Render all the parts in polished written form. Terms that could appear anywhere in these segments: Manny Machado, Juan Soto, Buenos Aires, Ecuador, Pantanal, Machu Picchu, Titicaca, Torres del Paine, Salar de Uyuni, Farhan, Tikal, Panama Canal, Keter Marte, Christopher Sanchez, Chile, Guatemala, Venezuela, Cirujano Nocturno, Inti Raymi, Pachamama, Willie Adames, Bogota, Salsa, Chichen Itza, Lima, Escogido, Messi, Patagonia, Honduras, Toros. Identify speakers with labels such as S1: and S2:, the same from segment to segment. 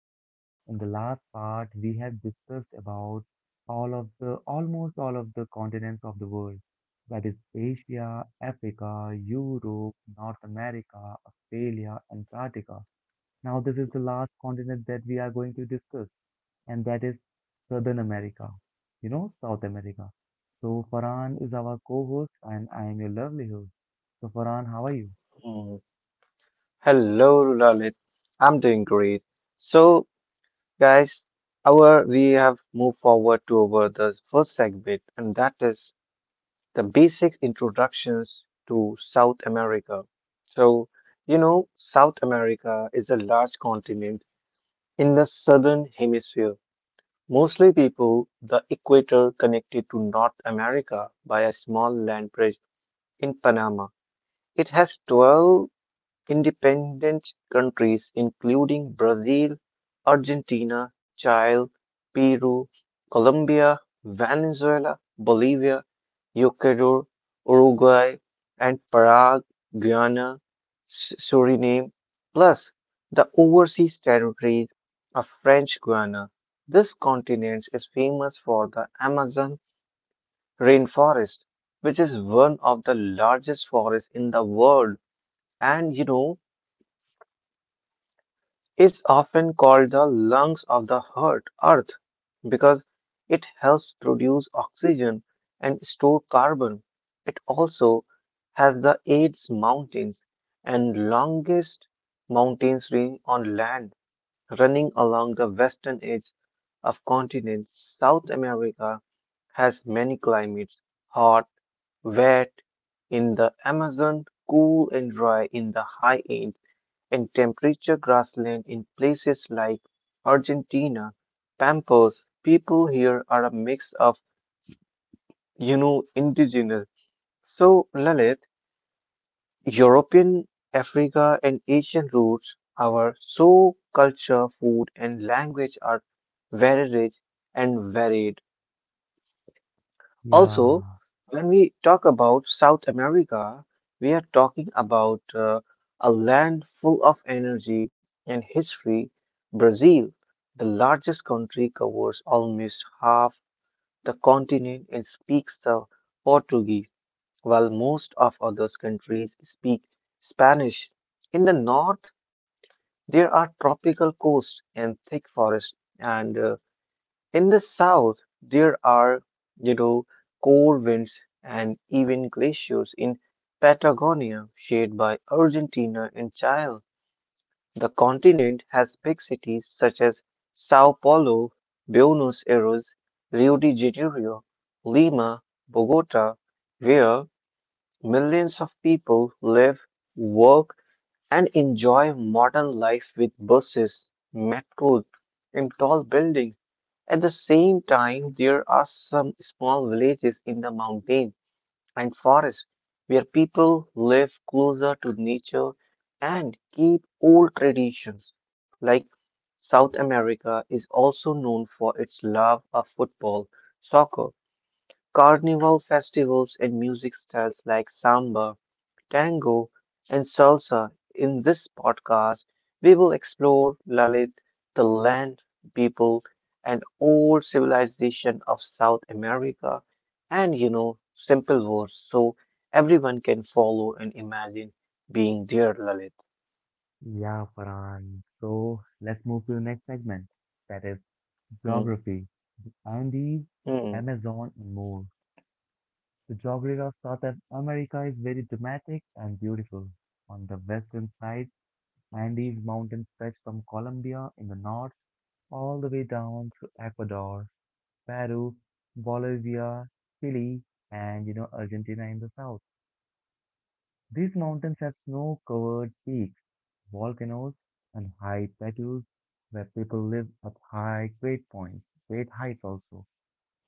S1: So, in the last part, we have discussed about all of the almost all of the continents of the world, that is Asia, Africa, Europe, North America, Australia, Antarctica. Now, this is the last continent that we are going to discuss, and that is Southern America, South America. So, Farhan is our co-host, and I am your lovely host. So, Farhan, how are you?
S2: Mm. Hello, Lalit. I'm doing great. So, guys, our we have moved forward to over the first segment, and that is the basic introductions to South America. So, South America is a large continent in the southern hemisphere, mostly people the equator connected to North America by a small land bridge in Panama. It has 12 independent countries including Brazil, Argentina, Chile, Peru, Colombia, Venezuela, Bolivia, Ecuador, Uruguay, and Paraguay, Guyana, Suriname, plus the overseas territories of French Guiana. This continent is famous for the Amazon rainforest, which is one of the largest forests in the world. And is often called the lungs of the heart, earth because it helps produce oxygen and store carbon. It also has the eighth mountains and longest mountains range on land running along the western edge of continent. South America has many climates, hot, wet in the Amazon, cool and dry in the high Andes in temperate grassland in places like Argentina, Pampas, people here are a mix of, indigenous. So, Lalit, European, Africa, and Asian roots, our so culture, food, and language are very rich and varied. Also,
S1: Yeah.
S2: when we talk about South America, we are talking about a land full of energy and history. Brazil, the largest country, covers almost half the continent and speaks the Portuguese, while most of other countries speak Spanish. In the north, there are tropical coasts and thick forests, and in the south, there are, you know, cold winds and even glaciers in Patagonia, shared by Argentina and Chile. The continent has big cities such as Sao Paulo, Buenos Aires, Rio de Janeiro, Lima, Bogota, where millions of people live, work, and enjoy modern life with buses, metros, and tall buildings. At the same time, there are some small villages in the mountains and forests where people live closer to nature and keep old traditions. Like South America is also known for its love of football, soccer, carnival festivals, and music styles like samba, tango, and salsa. In this podcast, we will explore La the land, people, and old civilization of South America, and simple words so everyone can follow and imagine being there, Lalit.
S1: Yeah, Farhan. So let's move to the next segment, that is
S2: Hmm,
S1: geography, Andes,
S2: hmm.
S1: Amazon, and more. The geography of America is very dramatic and beautiful. On the western side, Andes mountains stretch from Colombia in the north all the way down to Ecuador, Peru, Bolivia, Chile, and Argentina in the south. These mountains have snow covered peaks, volcanoes, and high plateaus where people live at great heights also.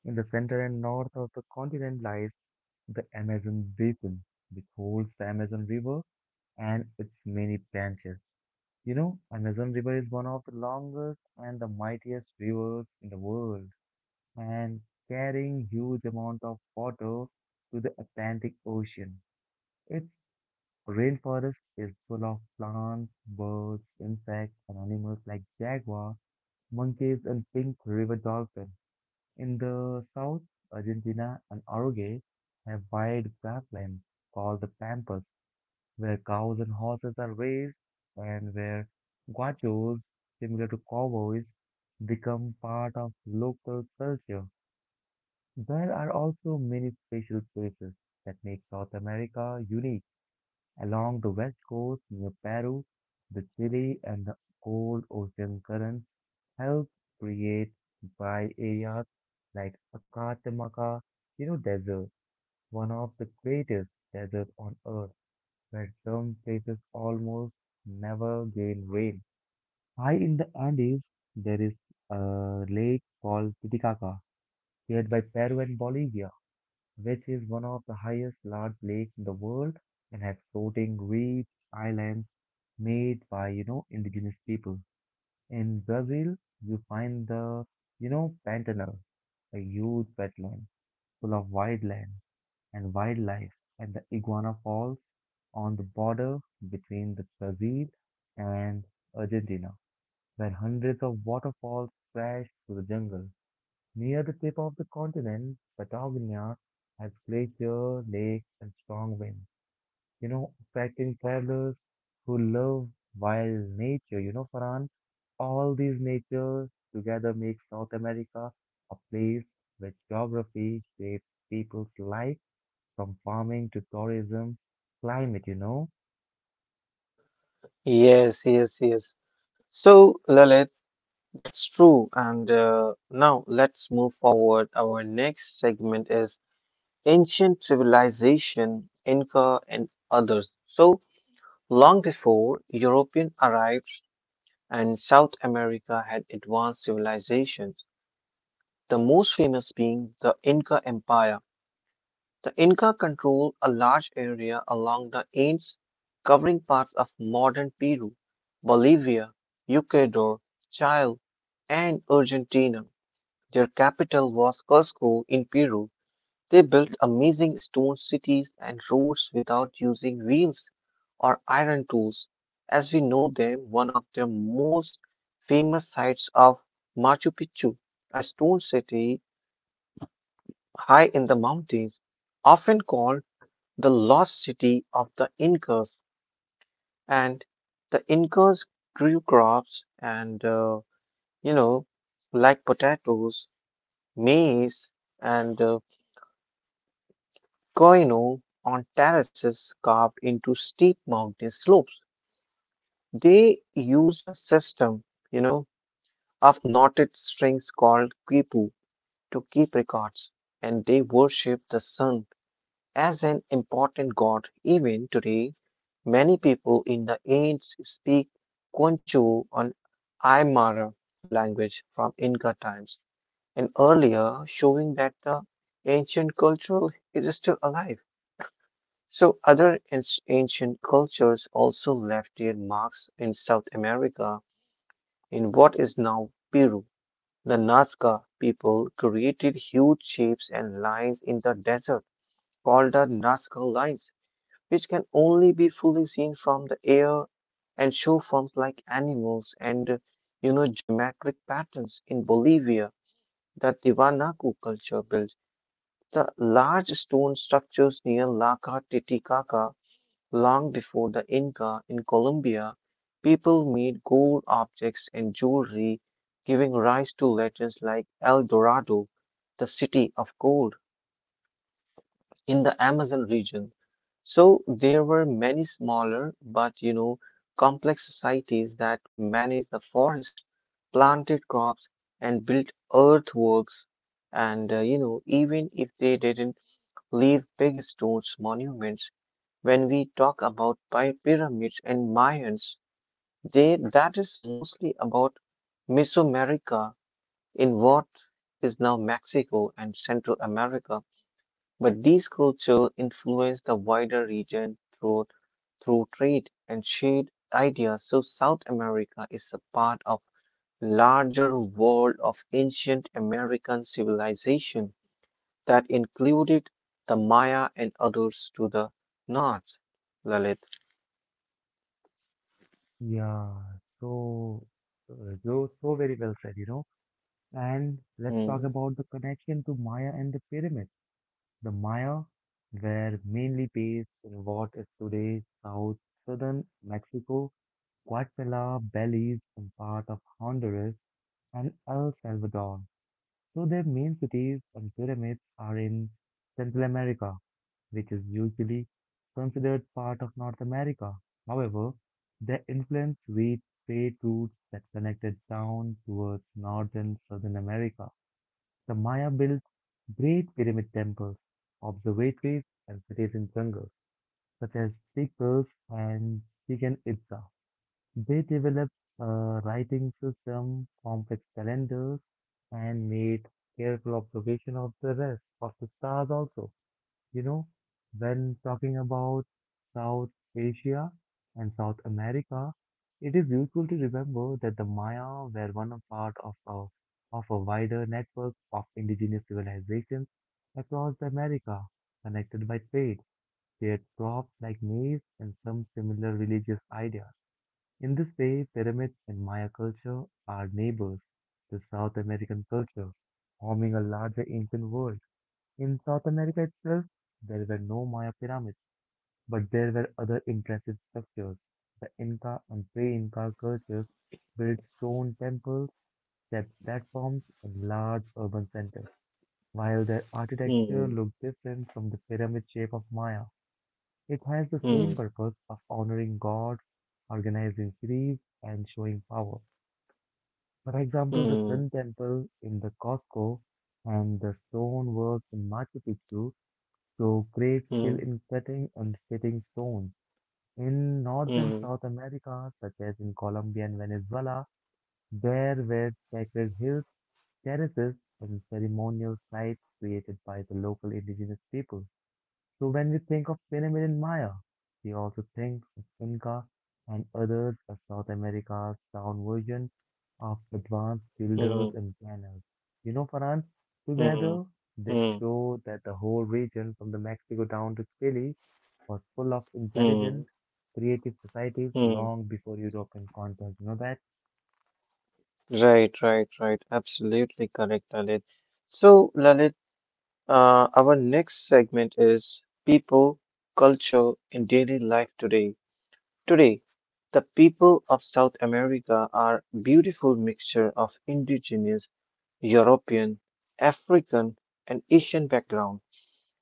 S1: In the center and north of the continent lies the Amazon basin, which holds the Amazon River and its many branches. Amazon River is one of the longest and the mightiest rivers in the world and carrying huge amount of water to the Atlantic Ocean. It's rainforest is full of plants, birds, insects, and animals like jaguar, monkeys, and pink river dolphins. In the south, Argentina and Uruguay have wide grasslands called the pampas, where cows and horses are raised, and where guachos, similar to cowboys, become part of local culture. There are also many special places that make South America unique. Along the west coast near Peru, the Chile and the cold ocean currents help create dry areas like Acatamaca, desert, one of the greatest deserts on earth, where some places almost never gain rain. High in the Andes, there is a lake called Titicaca, shared by Peru and Bolivia, which is one of the highest large lakes in the world and has floating reefs, islands, made by, indigenous people. In Brazil, you find the, Pantanal, a huge wetland full of wildland and wildlife, and the Iguana Falls on the border between the Brazil and Argentina, where hundreds of waterfalls crash through the jungle. Near the tip of the continent, Patagonia has glacier lakes and strong winds, attracting travelers who love wild nature. Farhan, all these nature together make South America a place where geography shapes people's life from farming to tourism, climate, you know.
S2: Yes, yes, yes. So, Lalit, that's true. And now let's move forward. Our next segment is ancient civilization, Inca, and others. So, long before European arrived and South America had advanced civilizations, the most famous being the Inca Empire. The Inca controlled a large area along the Andes, covering parts of modern Peru, Bolivia, Ecuador, Chile, and Argentina. Their capital was Cusco in Peru, they built amazing stone cities and roads without using wheels or iron tools. As we know them, one of their most famous sites of Machu Picchu, a stone city high in the mountains, often called the lost city of the Incas. And the Incas grew crops and, you know, like potatoes, maize, and Koino on terraces carved into steep mountain slopes. They used a system, you know, of knotted strings called quipu to keep records, and they worship the sun as an important god. Even today, many people in the Andes speak Quanchu on Aymara language from Inca times, and earlier showing that the ancient culture is still alive. So other ancient cultures also left their marks in South America in what is now Peru. The Nazca people created huge shapes and lines in the desert called the Nazca lines, which can only be fully seen from the air and show forms like animals and geometric patterns. In Bolivia, the Tiwanaku culture built the large stone structures near Laca Titicaca Long before the Inca in Colombia, people made gold objects and jewelry, giving rise to legends like El Dorado, the city of gold, in the Amazon region. So there were many smaller but complex societies that managed the forest, planted crops, and built earthworks. And even if they didn't leave big stones monuments, when we talk about pyramids and Mayans, they, that is mostly about Mesoamerica in what is now Mexico and Central America. But these cultures influenced the wider region through trade and shared ideas. So South America is a part of larger world of ancient American civilization that included the Maya and others to the north. Lalit.
S1: Yeah, so so very well said. And let's
S2: Hmm.
S1: talk about the connection to Maya and the pyramids. The Maya were mainly based in what is today Southern Mexico, Guatemala, Belize, and part of Honduras and El Salvador. So their main cities and pyramids are in Central America, which is usually considered part of North America. However, their influence reached trade routes that connected down towards North and Southern America. The Maya built great pyramid temples, observatories, and cities in jungles, such as Tikal and Chichen Itza. They developed a writing system, complex calendars, and made careful observation of the rest of the stars also. You know, when talking about South Asia and South America, it is useful to remember that the Maya were one of part of a wider network of indigenous civilizations across the America, connected by trade, shared crops like maize, and some similar religious ideas. In this way, pyramids in Maya culture are neighbors to South American culture, forming a larger ancient world. In South America itself, there were no Maya pyramids, but there were other impressive structures. The Inca and pre-Inca cultures built stone temples, stepped platforms, and large urban centers. While their architecture
S2: Mm,
S1: looked different from the pyramid shape of Maya, it has the same
S2: mm,
S1: purpose of honoring gods, organizing cities, and showing power. For example, the
S2: mm,
S1: Sun Temple in the Costco and the stonework in Machu Picchu show great skill
S2: mm,
S1: in cutting and fitting stones. In North and
S2: mm,
S1: South America, such as in Colombia and Venezuela, there were sacred hills, terraces, and ceremonial sites created by the local indigenous people. So when we think of Pyramid in Maya, we also think of Inca and others as South America's down version of advanced
S2: mm,
S1: builders and planners. Farhan,
S2: mm,
S1: together they
S2: mm,
S1: show that the whole region from the Mexico down to Chile was full of
S2: mm,
S1: intelligent, creative societies
S2: mm.
S1: long before European content. You know that?
S2: Right, right, right. Absolutely correct, Lalit. So, Lalit, our next segment is people, culture, and daily life today. Today, the people of South America are beautiful mixture of indigenous, European, African, and Asian background.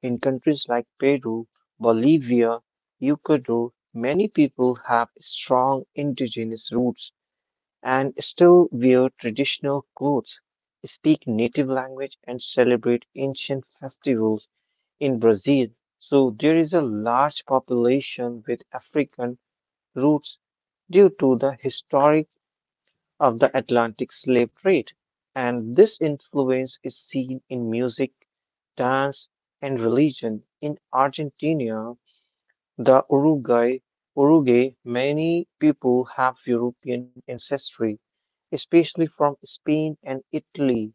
S2: In countries like Peru, Bolivia, Ecuador, many people have strong indigenous roots and still wear traditional clothes, speak native language, and celebrate ancient festivals in Brazil. So there is a large population with African roots due to the historic of the Atlantic slave trade. And this influence is seen in music dance, and religion. In Argentina, the Uruguay, Uruguay, many people have European ancestry, especially from Spain and Italy.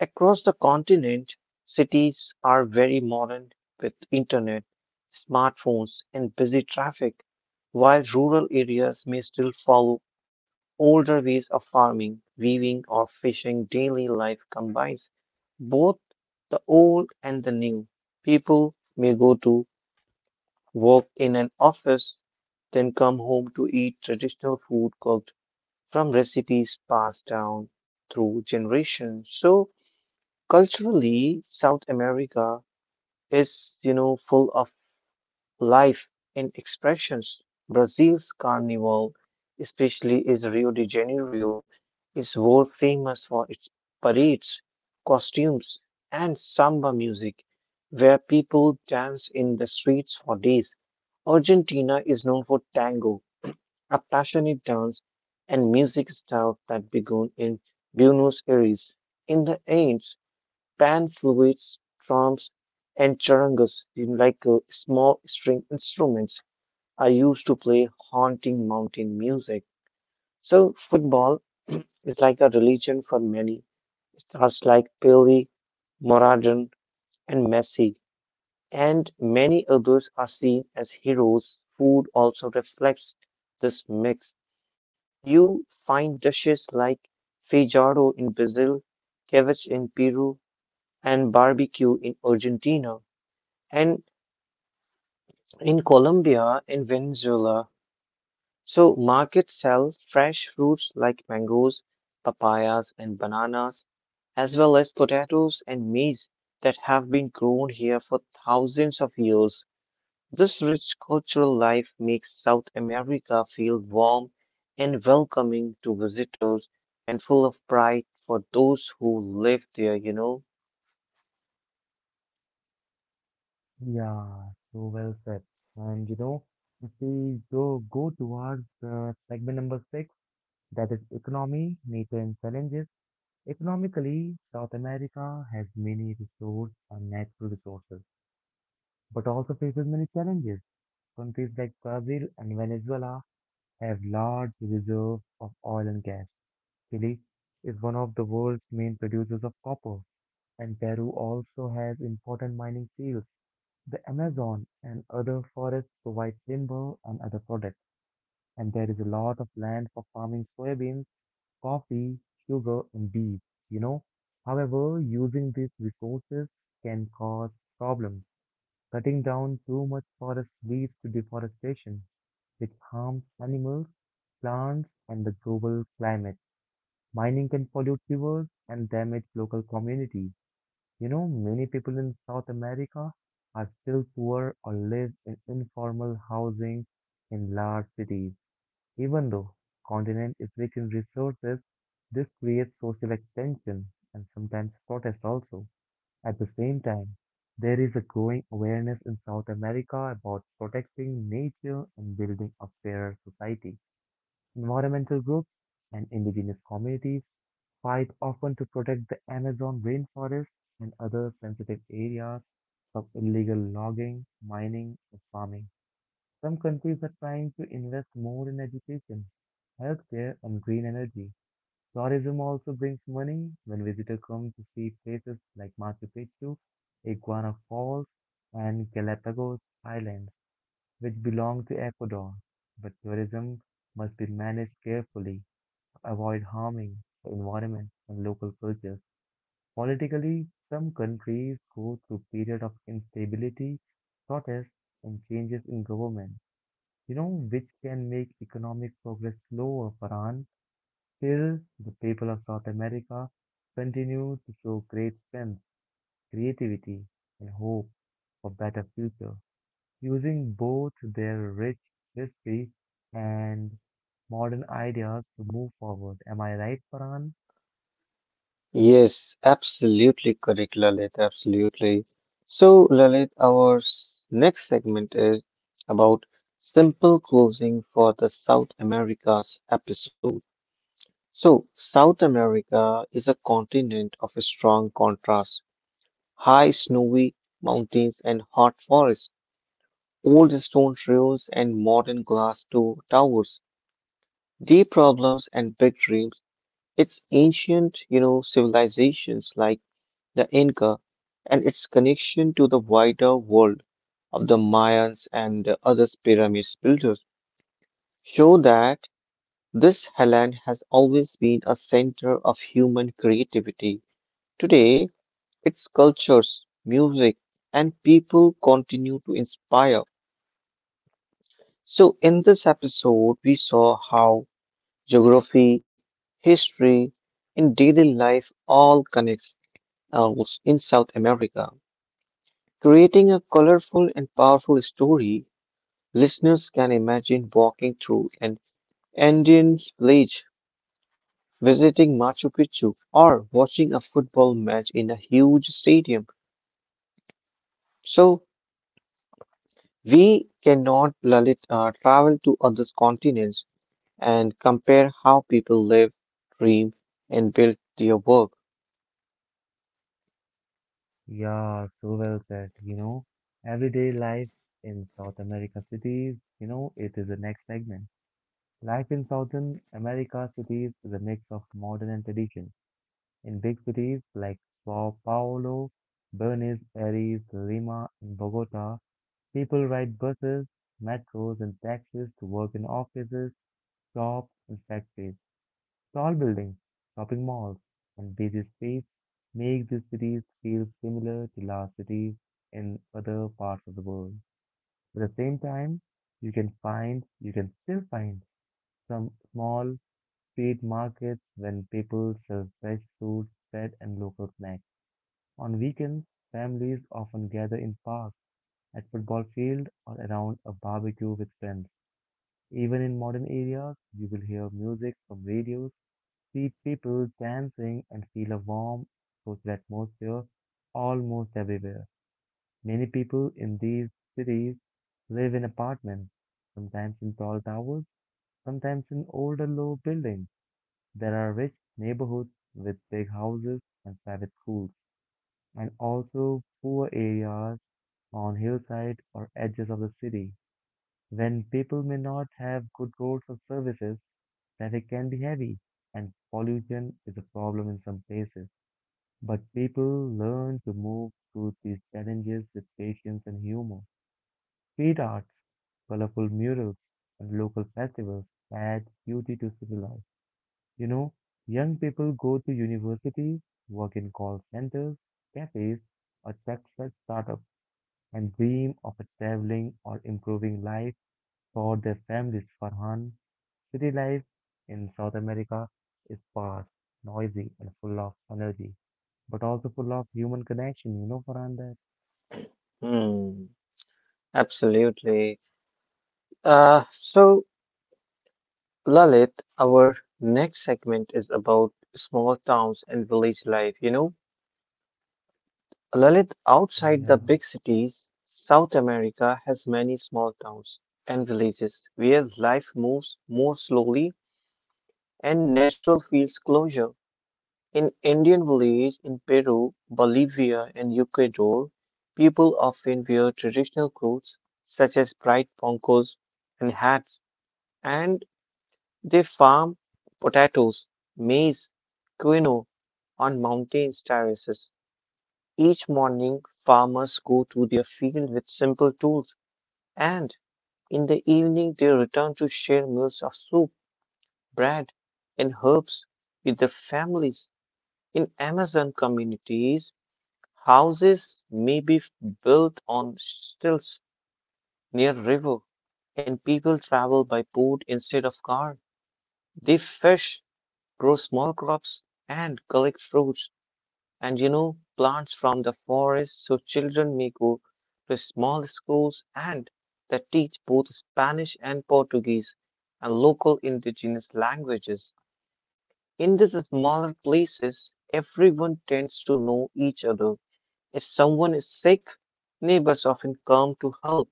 S2: Across the continent, cities are very modern with internet, smartphones, and busy traffic, while rural areas may still follow older ways of farming, weaving, or fishing. Daily life combines both the old and the new people may go to work in an office, then come home to eat traditional food cooked from recipes passed down through generations. So culturally, South America is, full of life in expressions. Brazil's carnival, especially is Rio de Janeiro, is world famous for its parades, costumes, and samba music, where people dance in the streets for days. Argentina is known for tango, a passionate dance and music style that began in Buenos Aires in the 80s pan flutes, drums, and charangas, in like small string instruments, are used to play haunting mountain music. So, football is like a religion for many. Stars like Pele, Maradona, and Messi, and many others are seen as heroes. Food also reflects this mix. You find dishes like feijão in Brazil, ceviche in Peru, and barbecue in Argentina. And in Colombia, in Venezuela, so markets sell fresh fruits like mangoes, papayas, and bananas, as well as potatoes and maize that have been grown here for thousands of years. This rich cultural life makes South America feel warm and welcoming to visitors and full of pride for those who live there,
S1: Yeah, so well said. And if we go towards segment number six, that is economy, nature and challenges. Economically, South America has many resources and natural resources, but also faces many challenges. Countries like Brazil and Venezuela have large reserves of oil and gas. Chile is one of the world's main producers of copper, and Peru also has important mining fields. The Amazon and other forests provide timber and other products, and there is a lot of land for farming soybeans, coffee, sugar, and beef, you know. However, using these resources can cause problems. Cutting down too much forest leads to deforestation, which harms animals, plants, and the global climate. Mining can pollute rivers and damage local communities. Many people in South America are still poor or live in informal housing in large cities. Even though continent is rich in resources, this creates social extension and sometimes protest also. At the same time, there is a growing awareness in South America about protecting nature and building a fairer society. Environmental groups and indigenous communities fight often to protect the Amazon rainforest and other sensitive areas from illegal logging, mining, and farming. Some countries are trying to invest more in education, healthcare, and green energy. Tourism also brings money when visitors come to see places like Machu Picchu, Iguana Falls, and Galapagos Islands, which belong to Ecuador. But tourism must be managed carefully, avoid harming the environment and local cultures. Politically, some countries go through periods of instability, protests, and changes in government, which can make economic progress slower, Farhan. Still, the people of South America continue to show great strength, creativity, and hope for better future, using both their rich history and modern ideas to move forward. Am I right, Farhan?
S2: Yes, absolutely correct, Lalit. Absolutely. So, Lalit, our next segment is about simple closing for the South America's episode. So, South America is a continent of strong contrast, high snowy mountains and hot forests, old stone trails and modern glass to towers, deep problems and big dreams. It's ancient, civilizations like the Inca, and its connection to the wider world of the Mayans and the other pyramid builders show that this Helen has always been a center of human creativity. Today, its cultures, music, and people continue to inspire. So, in this episode, we saw how geography, history, and daily life all connects us in South America. Creating a colorful and powerful story listeners can imagine walking through an Indian village, visiting Machu Picchu, or watching a football match in a huge stadium. So, we cannot Lalit, travel to other continents and compare how people live, dream, and build their work.
S1: Yeah, so well said. Everyday life in South America cities, it is the next segment. Life in Southern America cities is a mix of modern and tradition. In big cities like Sao Paulo, Buenos Aires, Lima, and Bogota, people ride buses, metros, and taxis to work in offices, shops, and factories. Tall buildings, shopping malls, and busy streets make these cities feel similar to large cities in other parts of the world. At the same time, you can still find some small street markets when people sell fresh fruits, bread, and local snacks. On weekends, families often gather in parks, at football field, or around a barbecue with friends. Even in modern areas, you will hear music from radios, see people dancing, and feel a warm, social atmosphere almost everywhere. Many people in these cities live in apartments, sometimes in tall towers, sometimes in older low buildings. There are rich neighborhoods with big houses and private schools, and also poor areas on hillside or edges of the city. When people may not have good roads or services, traffic can be heavy, and pollution is a problem in some places. But people learn to move through these challenges with patience and humor. Street arts, colorful murals, and local festivals add beauty to city life. You know, young people go to university, work in call centers, cafes, or success startups, and dream of a traveling or improving life for their families. Farhan, city life in South America is fast, noisy, and full of energy, but also full of human connection. You know, Farhan, that?
S2: Hmm, absolutely. So, Lalit, our next segment is about small towns and village life. You know, Lalit, outside the
S1: Yeah,
S2: big cities, South America has many small towns and villages where life moves more slowly and natural feels closer. In Indian village in Peru, Bolivia, and Ecuador, people often wear traditional clothes such as bright poncos and hats. And They farm potatoes, maize, quinoa on mountain terraces. Each morning, farmers go to their field with simple tools, and in the evening, they return to share meals of soup, bread, and herbs with their families. In Amazon communities, houses may be built on stilts near river, and people travel by boat instead of car. They fish grow small crops, and collect fruits and plants from the forest so children may go to small schools and that teach both Spanish and Portuguese and local indigenous languages. In these smaller places, everyone tends to know each other. If someone is sick, neighbors often come to help.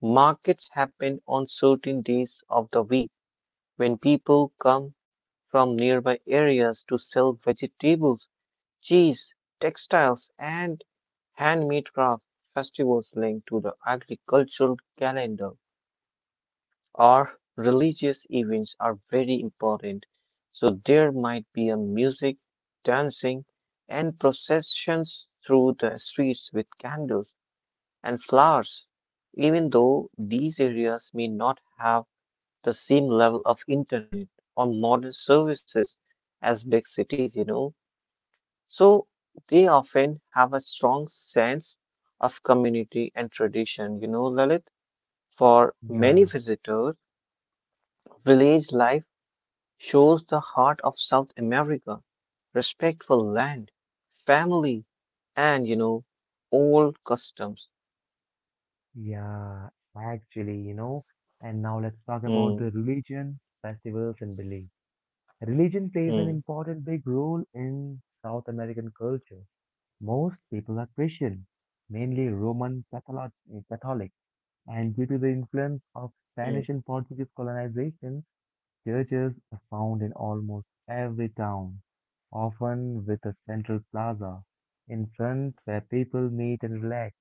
S2: Markets happen on certain days of the week when people come from nearby areas to sell vegetables, cheese, textiles, and handmade crafts, festivals linked to the agricultural calendar or religious events are very important. So there might be a music, dancing, and processions through the streets with candles and flowers. Even though these areas may not have the same level of internet or modern services as big cities, So they often have a strong sense of community and tradition, Lalit. For many
S1: yeah,
S2: visitors, village life shows the heart of South America, respectful land, family, and, old customs.
S1: yeah, actually. And now let's talk about
S2: Hmm,
S1: the religion, festivals, and beliefs. Religion plays an
S2: hmm,
S1: important big role in South American culture. Most people are Christian, mainly Roman Catholic, and due to the influence of
S2: hmm,
S1: Spanish and Portuguese colonization, churches are found in
S2: hmm,
S1: almost every town, often with a central plaza in front where people meet and relax.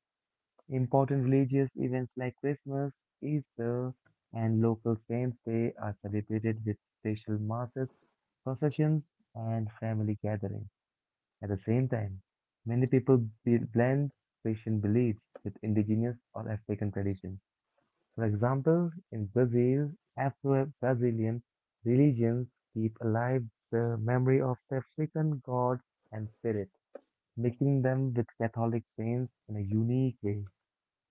S1: Important religious events like Christmas, Easter, and local saints' day are celebrated with special masses professions, and family gatherings. At the same time, many people blend Christian beliefs with indigenous or African traditions. For example, in Brazil, Afro-Brazilian religions keep alive the memory of the African gods and spirits, mixing them with Catholic saints in a unique way.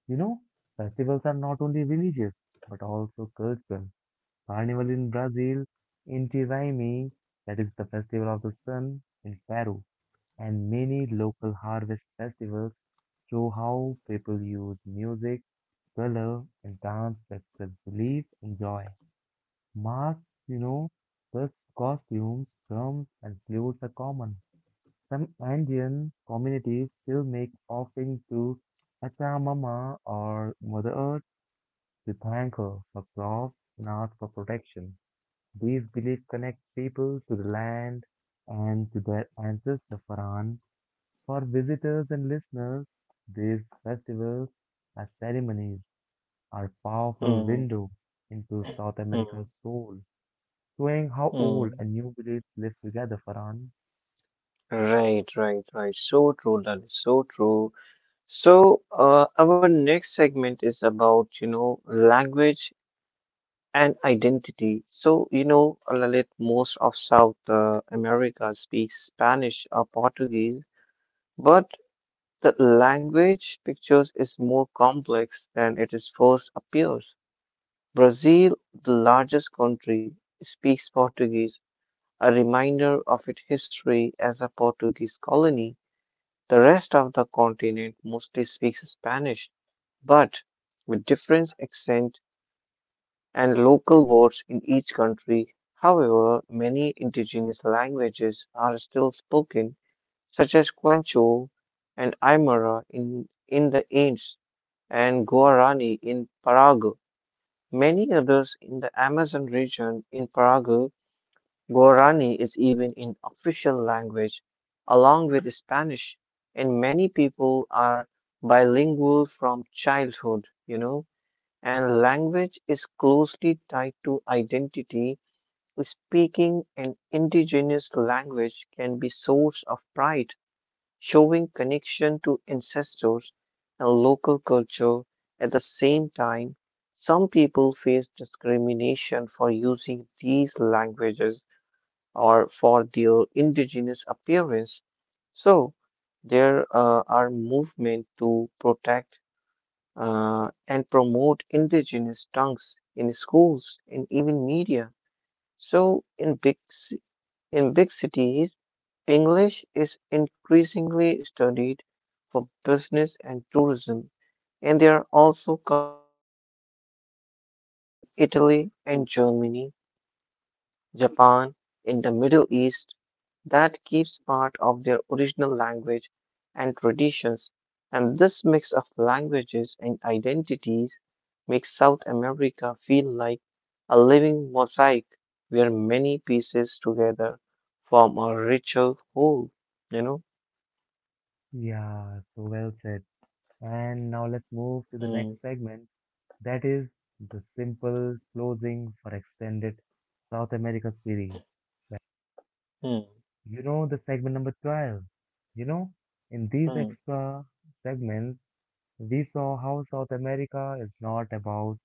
S1: You know, festivals are not only religious, but also cultural. Carnival in Brazil, Inti Raymi, that is the festival of the sun in Peru, and many local harvest festivals show how people use music, color, and dance to express belief and joy. Masks, you know, such costumes, drums, and flutes are common. Some Andean communities still make offerings to Pachamama or Mother Earth to thank her for crops and ask for protection. These beliefs connect people to the land and to their ancestor Faran. For visitors and listeners, these festivals as ceremonies are powerful
S2: hmm,
S1: window into South
S2: hmm,
S1: America's soul, showing how old
S2: hmm.
S1: and new beliefs live together, Faran.
S2: Right, right, right. So true, that is so true. Our next segment is about, you know, language and identity. So, you know, Lalit, most of South America speaks Spanish or Portuguese, but the language pictures is more complex than it is first appears. Brazil, the largest country, speaks Portuguese, a reminder of its history as a Portuguese colony. The rest of the continent mostly speaks Spanish, but with different accents and local words in each country. However, many indigenous languages are still spoken, such as Quancho and Aymara in the Andes and Guarani in Paraguay. Many others in the Amazon region in Paraguay Guarani is even an official language along with Spanish, and many people are bilingual from childhood, you know, and language is closely tied to identity. Speaking an indigenous language can be source of pride, showing connection to ancestors and local culture. At the same time, some people face discrimination for using these languages or for their indigenous appearance. So there are movements to protect and promote indigenous tongues in schools and even media. So in big cities, English is increasingly studied for business and tourism, and there are also communities with roots in Italy and Germany Japan in the Middle East that keeps part of their original language and traditions, and this mix of languages and identities makes South America feel like a living mosaic where many pieces together form a richer whole, you know?
S1: Yeah, so well said. And now let's move to the next
S2: Hmm,
S1: segment, that is the simple closing for extended South America series.
S2: hmm,
S1: The segment number 12. You know, in these
S2: hmm,
S1: extra segments, we saw how South America is not about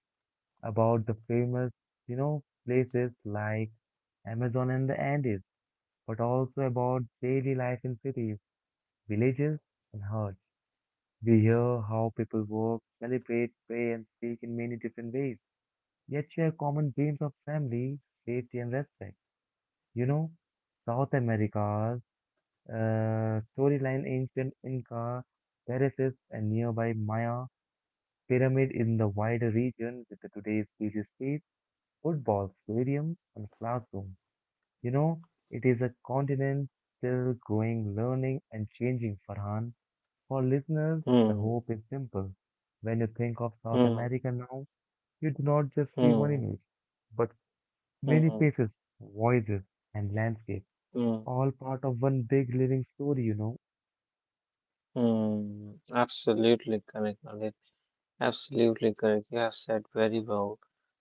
S1: about the famous, places like Amazon and the Andes, but also about daily life in cities, villages, and huts. We hear how people work, celebrate, pray, and speak in many different ways, yet share common dreams of family, safety, and respect. You know, South America's. Storyline ancient Inca, terraces and nearby Maya pyramid in the wider region with the today's busy streets, football stadiums, and classrooms. You know, it is a continent still growing, learning, and changing, Farhan. For listeners, the
S2: hmm,
S1: hope is simple. When you think of South
S2: hmm,
S1: America now, you do not just see one
S2: hmm,
S1: image, but many
S2: hmm,
S1: faces, voices, and landscapes,
S2: hmm,
S1: all part of one big living story.
S2: hmm. Absolutely correct, Lalit. Absolutely correct. You have said very well.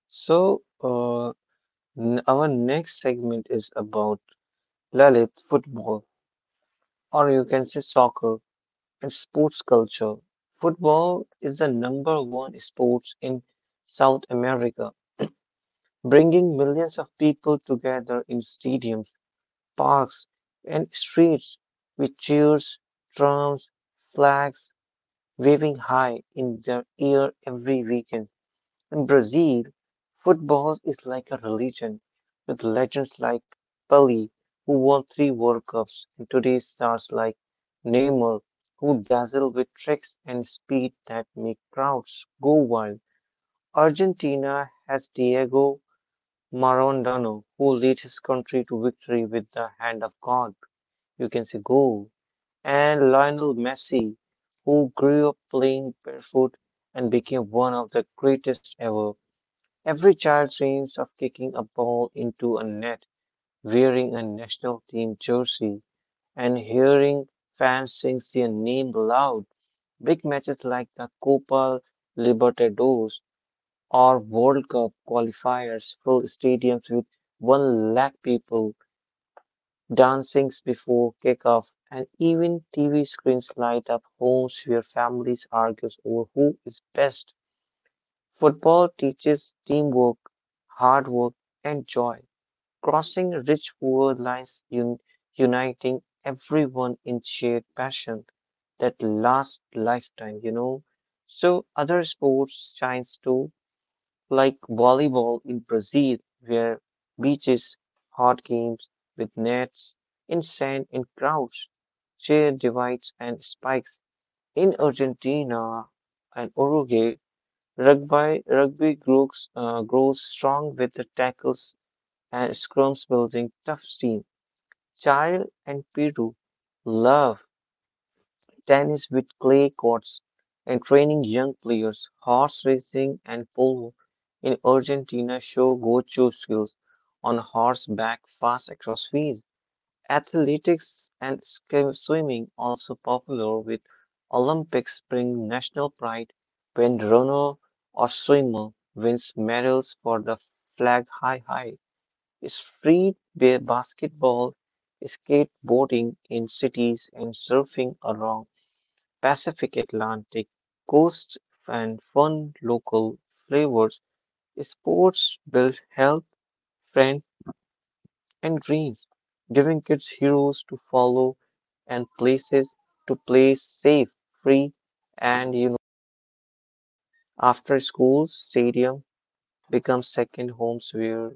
S2: So, uh, our next segment is about Lalit football, or you can say soccer and sports culture. Football is the number one sport in South America, bringing millions of people together in stadiums, parks, and streets with cheers, drums, flags waving high in their air every weekend. In Brazil, football is like a religion, with legends like Pelé, who won three World Cups, and today's stars like Neymar, who dazzle with tricks and speed that make crowds go wild. Argentina has Diego Maradona, who leads his country to victory with the hand of God. You can say go. And Lionel Messi, who grew up playing barefoot and became one of the greatest ever. Every child dreams of kicking a ball into a net, wearing a national team jersey, and hearing fans sing their name loud. Big matches like the Copa Libertadores or World Cup qualifiers fill stadiums with one lakh people dancing before kickoff, and even TV screens light up homes where families argue over who is best. Football teaches teamwork, hard work, and joy, crossing rich poor lines, uniting everyone in shared passion that lasts lifetime, you know. So other sports shines too, like volleyball in Brazil, where beaches, hard games with nets, in sand and crowds, chair divides and spikes. In Argentina and Uruguay, rugby grows, grows strong with the tackles and scrums building tough team. Chile and Peru love tennis with clay courts and training young players. Horse racing and polo in Argentina show go-to skills on horseback fast across fields. Athletics and swimming also popular with Olympics bring national pride when runner or swimmer wins medals for the flag high high. Street basketball, skateboarding in cities, and surfing along Pacific Atlantic coasts and fun local flavors. Sports build health, strength, and dreams, giving kids heroes to follow and places to play safe, free, and you know, after school, stadium becomes second homes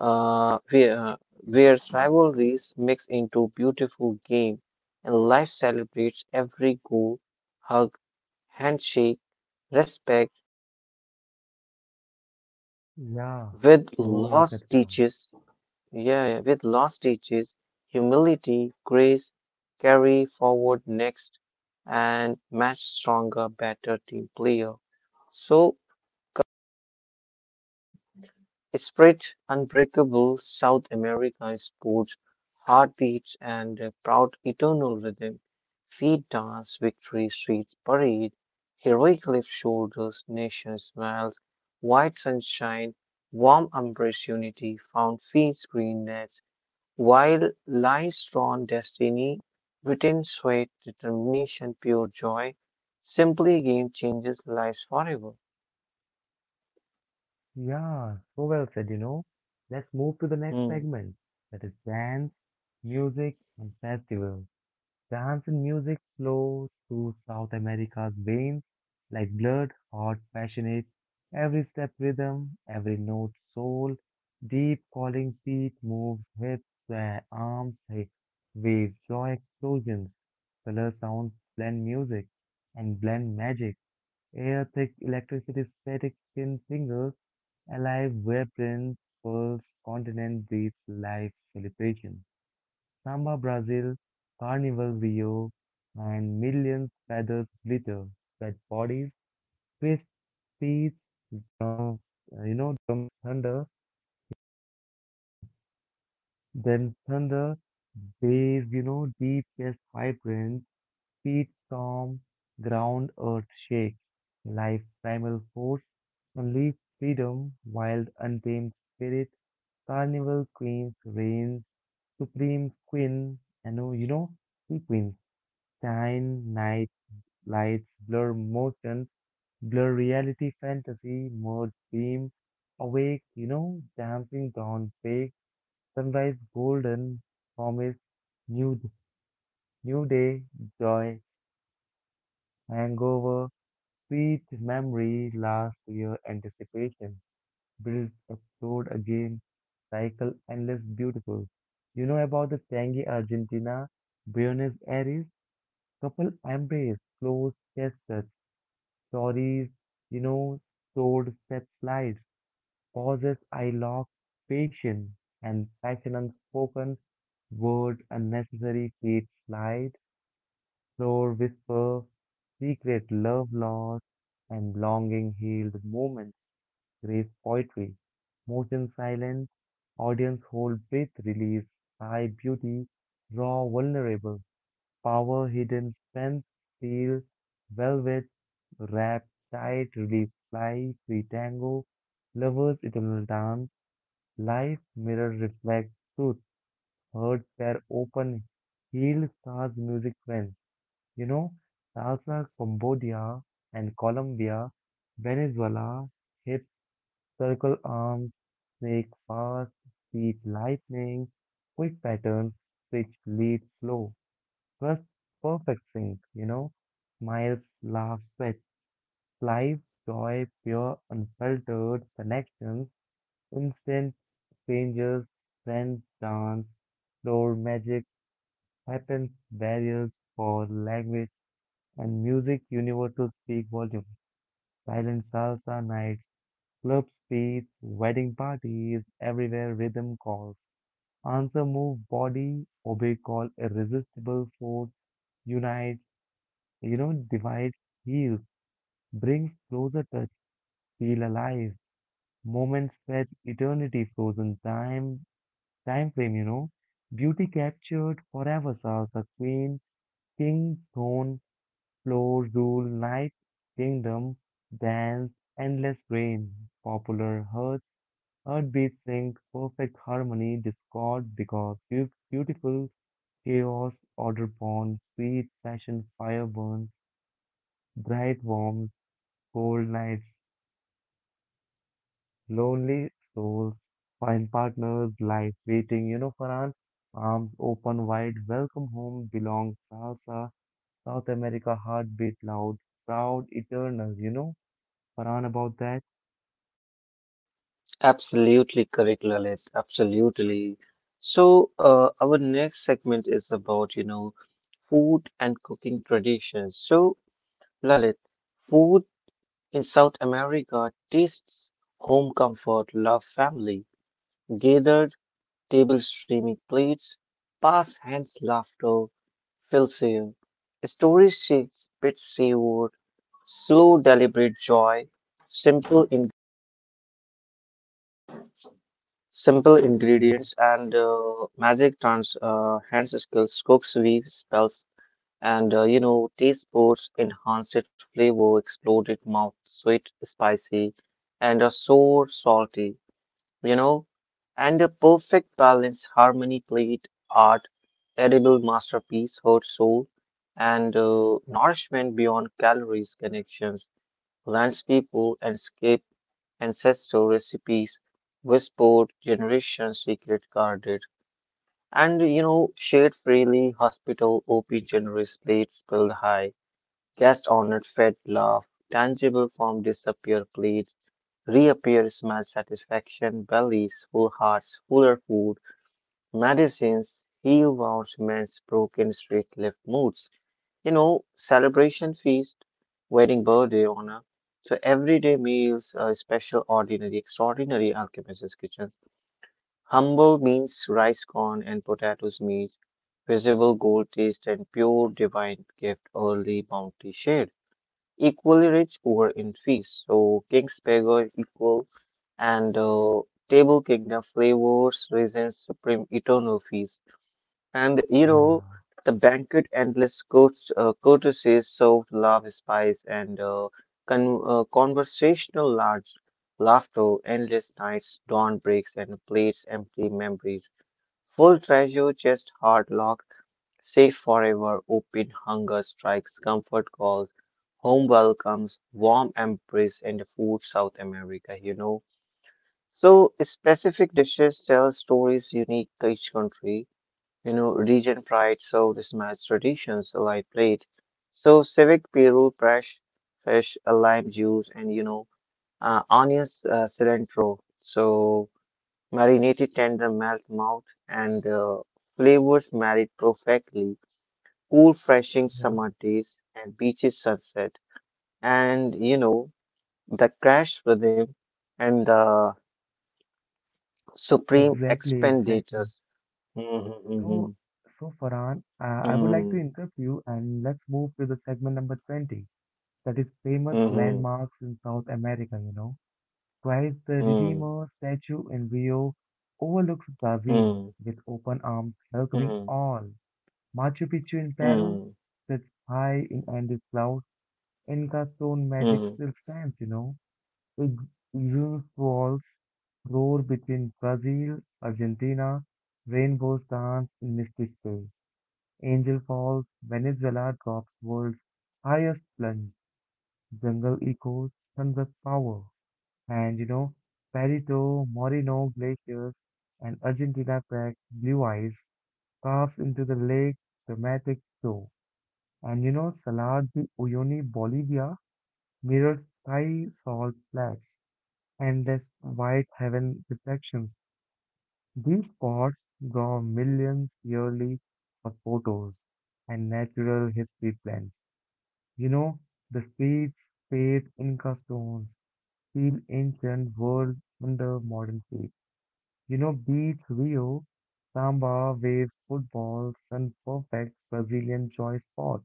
S2: uh, where, uh, where rivalries mix into beautiful game and life celebrates every goal, hug, handshake, respect
S1: Yeah,
S2: with
S1: so well
S2: loss
S1: said, Farhan.
S2: teaches, yeah, yeah, with loss teaches humility, grace, carry forward next and match stronger, better team player. So Spirit, unbreakable South America sports, heartbeats, and a proud eternal rhythm. Feet dance, victory streets parade, heroic lift shoulders, nation smiles, white sunshine, warm embrace unity, found feast green nets, while lies drawn destiny, written sweat, determination, pure joy, simply game changes lives forever.
S1: Yeah, so well said. Let's move to the next
S2: Hmm.
S1: segment. That is dance, music, and festivals. Dance and music flow through South America's veins like blood, hot, passionate. Every step rhythm, every note soul, deep calling feet moves hips, where arms, hips, waves, joy explosions. Color sounds blend music and blend magic. Air-thick electricity static skin singles, alive where prince pulse continent breathes life celebration. Samba Brazil, Carnival Rio, and millions feathers glitter, wet bodies, twist beats, drums, drums thunder, then thunder, bass, deep chest vibrance, feet storm, ground earth shakes, life primal force, only freedom, wild untamed spirit, carnival queens reign, supreme queen, and sequence, shine, night, lights, blur motion, blur reality, fantasy, merge, beam, awake, dancing dawn, fake, sunrise, golden, promise, new, new day, joy, hangover, sweet memory lasts your anticipation, builds, explode again, cycle endless beautiful. About the tangy Argentina, Buenos Aires, couple embrace, close chest touch, stories, you know, stored set slides, pauses I lock, patience and passion unspoken, word, unnecessary feet slide. Explore, whisper, secret love lost and longing healed moments, grace poetry, motion silence, audience hold breath release, high beauty, raw vulnerable, power hidden strength, steel, velvet, wrap tight, release fly, free tango, lovers eternal dance, life mirror reflects truth, hearts tear open, healed stars music friends. You know, salsa, Cambodia and Colombia, Venezuela, hips, circle arms, snake fast, feet lightning, quick patterns, switch lead flow, thrust perfect sync, smiles, laughs, sweat, life, joy, pure, unfiltered connections, instant strangers, friends, dance, floor magic, happens, barriers for language and music universal speak volume. Silent salsa nights, club streets, wedding parties, everywhere rhythm calls. Answer move body, obey call, irresistible force, unites, divides, heals, brings closer touch, feel alive. Moments stretch eternity, frozen time, time frame. Beauty captured forever salsa queen, king, throne, floor rule night kingdom dance endless rain. Popular heart heartbeat sync perfect harmony discord because beautiful chaos order born sweet passion fire burn bright warms cold nights lonely souls find partners life waiting. You know, Farhan, arms open wide welcome home belong salsa South America heartbeat loud proud eternal. You know, Farhan about that.
S2: Absolutely correct, Lalit. Absolutely. So, our next segment is about, you know, food and cooking traditions. So, Lalit, food in South America tastes home comfort, love, family, gathered tables, streaming plates, pass hands, laughter, fills you. Stories shapes, bits seaward, slow, deliberate joy, simple Simple
S1: Yeah,
S2: ingredients and magic trans hands skills, cooks, weaves, spells, and you know, taste buds enhance it flavor, exploded mouth, sweet, spicy, and a sour, salty, you know, and a perfect balance, harmony, plate, art, edible masterpiece, heart, soul, and nourishment beyond calories, connections, lands people, and escape ancestor recipes, whispered generations secret guarded, and you know, shared freely, hospital OP generous plates spilled high, guest honored fed laugh, tangible form disappear plates, reappear smell satisfaction, bellies, full hearts, fuller food, medicines, heal wounds, mends broken street left moods. You know, celebration feast, wedding birthday honor. So everyday meals, special, ordinary, extraordinary alchemist's kitchens. Humble means rice corn and potatoes meat, visible gold taste and pure divine gift, early bounty shared. Equally rich poor in feast. So king's beggar equal and table kingdom flavors, reasons supreme eternal feast. And you know,
S1: yeah,
S2: the banquet endless courts, courtesies, soft love, spice, and conversational large laughter, endless nights, dawn breaks, and plates empty memories. Full treasure, chest heart locked, safe forever, open hunger strikes, comfort calls, home welcomes, warm embrace, and food South America, you know. So specific dishes tell stories unique to each country you know, region pride so mismatched traditions alive plate. So civic peru, fresh fish, a lime juice, and you know, onions cilantro. So marinated tender melt mouth and flavors married perfectly. Cool, refreshing
S1: yeah.
S2: summer days and beaches sunset, and you know the crash rhythm and the supreme
S1: Exactly, exactly.
S2: expenditures. Mm-hmm, mm-hmm,
S1: So, so Farhan, I would like to
S2: mm-hmm,
S1: interrupt you and let's move to the segment number 20, that is famous
S2: mm-hmm,
S1: landmarks in South America, you know. Christ the
S2: mm-hmm.
S1: Redeemer statue in Rio overlooks Brazil
S2: Mm-hmm.
S1: with open arms welcoming
S2: Hmm.
S1: all. Machu Picchu in Peru
S2: Hmm.
S1: sits high in Andes cloud. Inca stone magic
S2: Hmm.
S1: still stands, you know. It usually Falls roar between Brazil, Argentina, rainbows dance in misty space. Angel Falls, Venezuela drops world's highest plunge, jungle echoes, sunrise power, and Perito, Moreno glaciers, and Argentina cracks blue eyes, carves into the lake, dramatic show. And Salar de Uyuni, Bolivia, mirrors sky salt flats endless white heaven reflections. These spots draw millions yearly for photos and natural history plans. You know, the streets paved Inca stones feel ancient world under modern feet. Beach Rio, samba, waves, football, sun perfect Brazilian joy spot,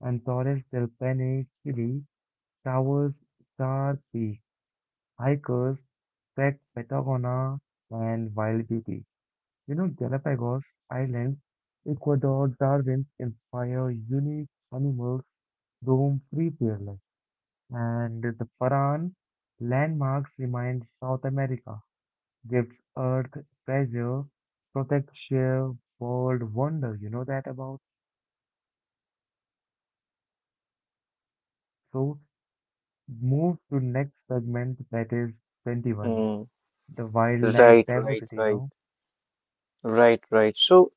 S1: and Torres del Paine, Chile, towers, star peak, hikers Patagona, and wild beauty. Galapagos Islands, Ecuador, Darwin's inspire unique animals roam free fearless, and the Paran landmarks remind South America, gives earth treasure, protects sheer world wonder. You know that about? So move to next segment that is 21,
S2: Hmm.
S1: the wildlife
S2: Right, right,
S1: diversity, you
S2: right,
S1: know.
S2: right, right. So,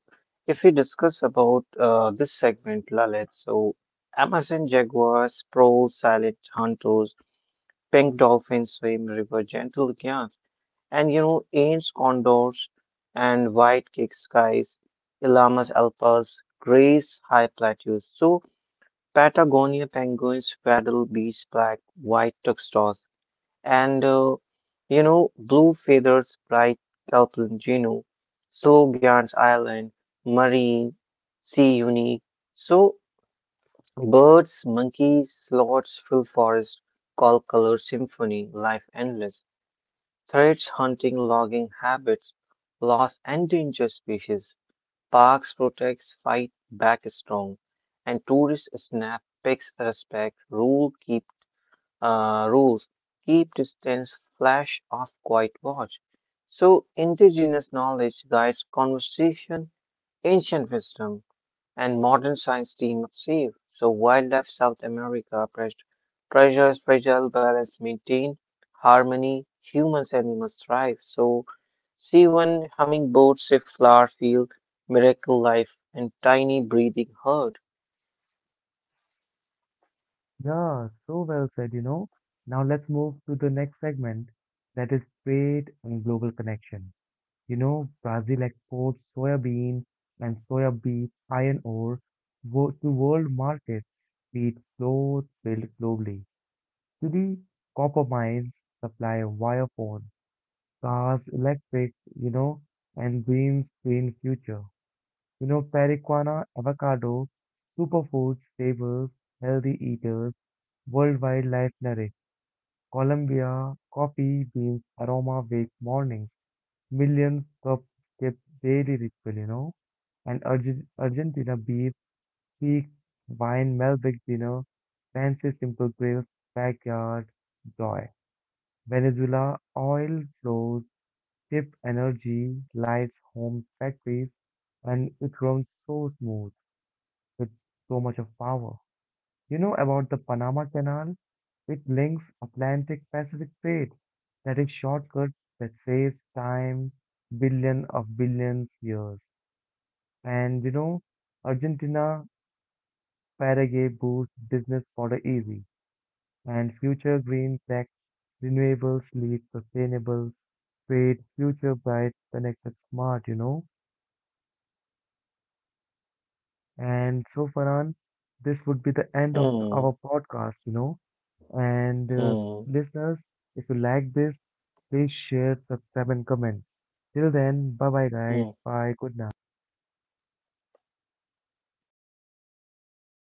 S2: if we discuss about this segment, Lalit, so Amazon jaguars, pros, silent hunters, pink dolphins swim river, gentle giants, and you know, ants, condors, and white kick skies, llamas, alpas, grays, high plateaus. So, Patagonia penguins, paddle beach, black, white tuxedos, and you know, blue feathers, bright Southland Geno, so Gans Island, marine, sea unique. So birds, monkeys, sloths fill forest, call color symphony, life endless. Threats, hunting, logging habits, lost endangered species. Parks protects, fight back strong, and tourists snap, pics respect, rules keep distance, flash off, quiet watch. So, indigenous knowledge guides conversation, ancient wisdom, and modern science team up safe. So, wildlife South America treasures fragile balance maintained, harmony, humans animals thrive. So, see one hummingbird, sift flower field, miracle life, and tiny breathing herd.
S1: Yeah, so well said. Now let's move to the next segment that is trade and global connection. Brazil exports soybean and soya beef iron ore to world markets, be it clothes built globally. Today, copper mines supply wire phone, cars, electric, you know, and green future. Periquana, avocado, superfoods, staples, healthy eaters, worldwide life narrative. Colombia, coffee beans aroma wake mornings. Millions cups skip daily ritual, you know. And Argentina beef, peak wine, Malbec dinner, fancy simple grills, backyard joy. Venezuela, oil flows, cheap energy, lights, homes, factories, and it runs so smooth with so much of power. You know about the Panama Canal? It links Atlantic-Pacific trade that is shortcut that saves time billion of billions years. And Argentina, Paraguay boosts business border easy and future green tech renewables lead sustainable trade future bright connected smart, you know. And so Farhan, this would be the end of our
S2: Hmm,
S1: podcast, and
S2: hmm,
S1: listeners, if you like this, please share, subscribe, and comment. Till then, bye bye, guys.
S2: hmm.
S1: Bye. Good night.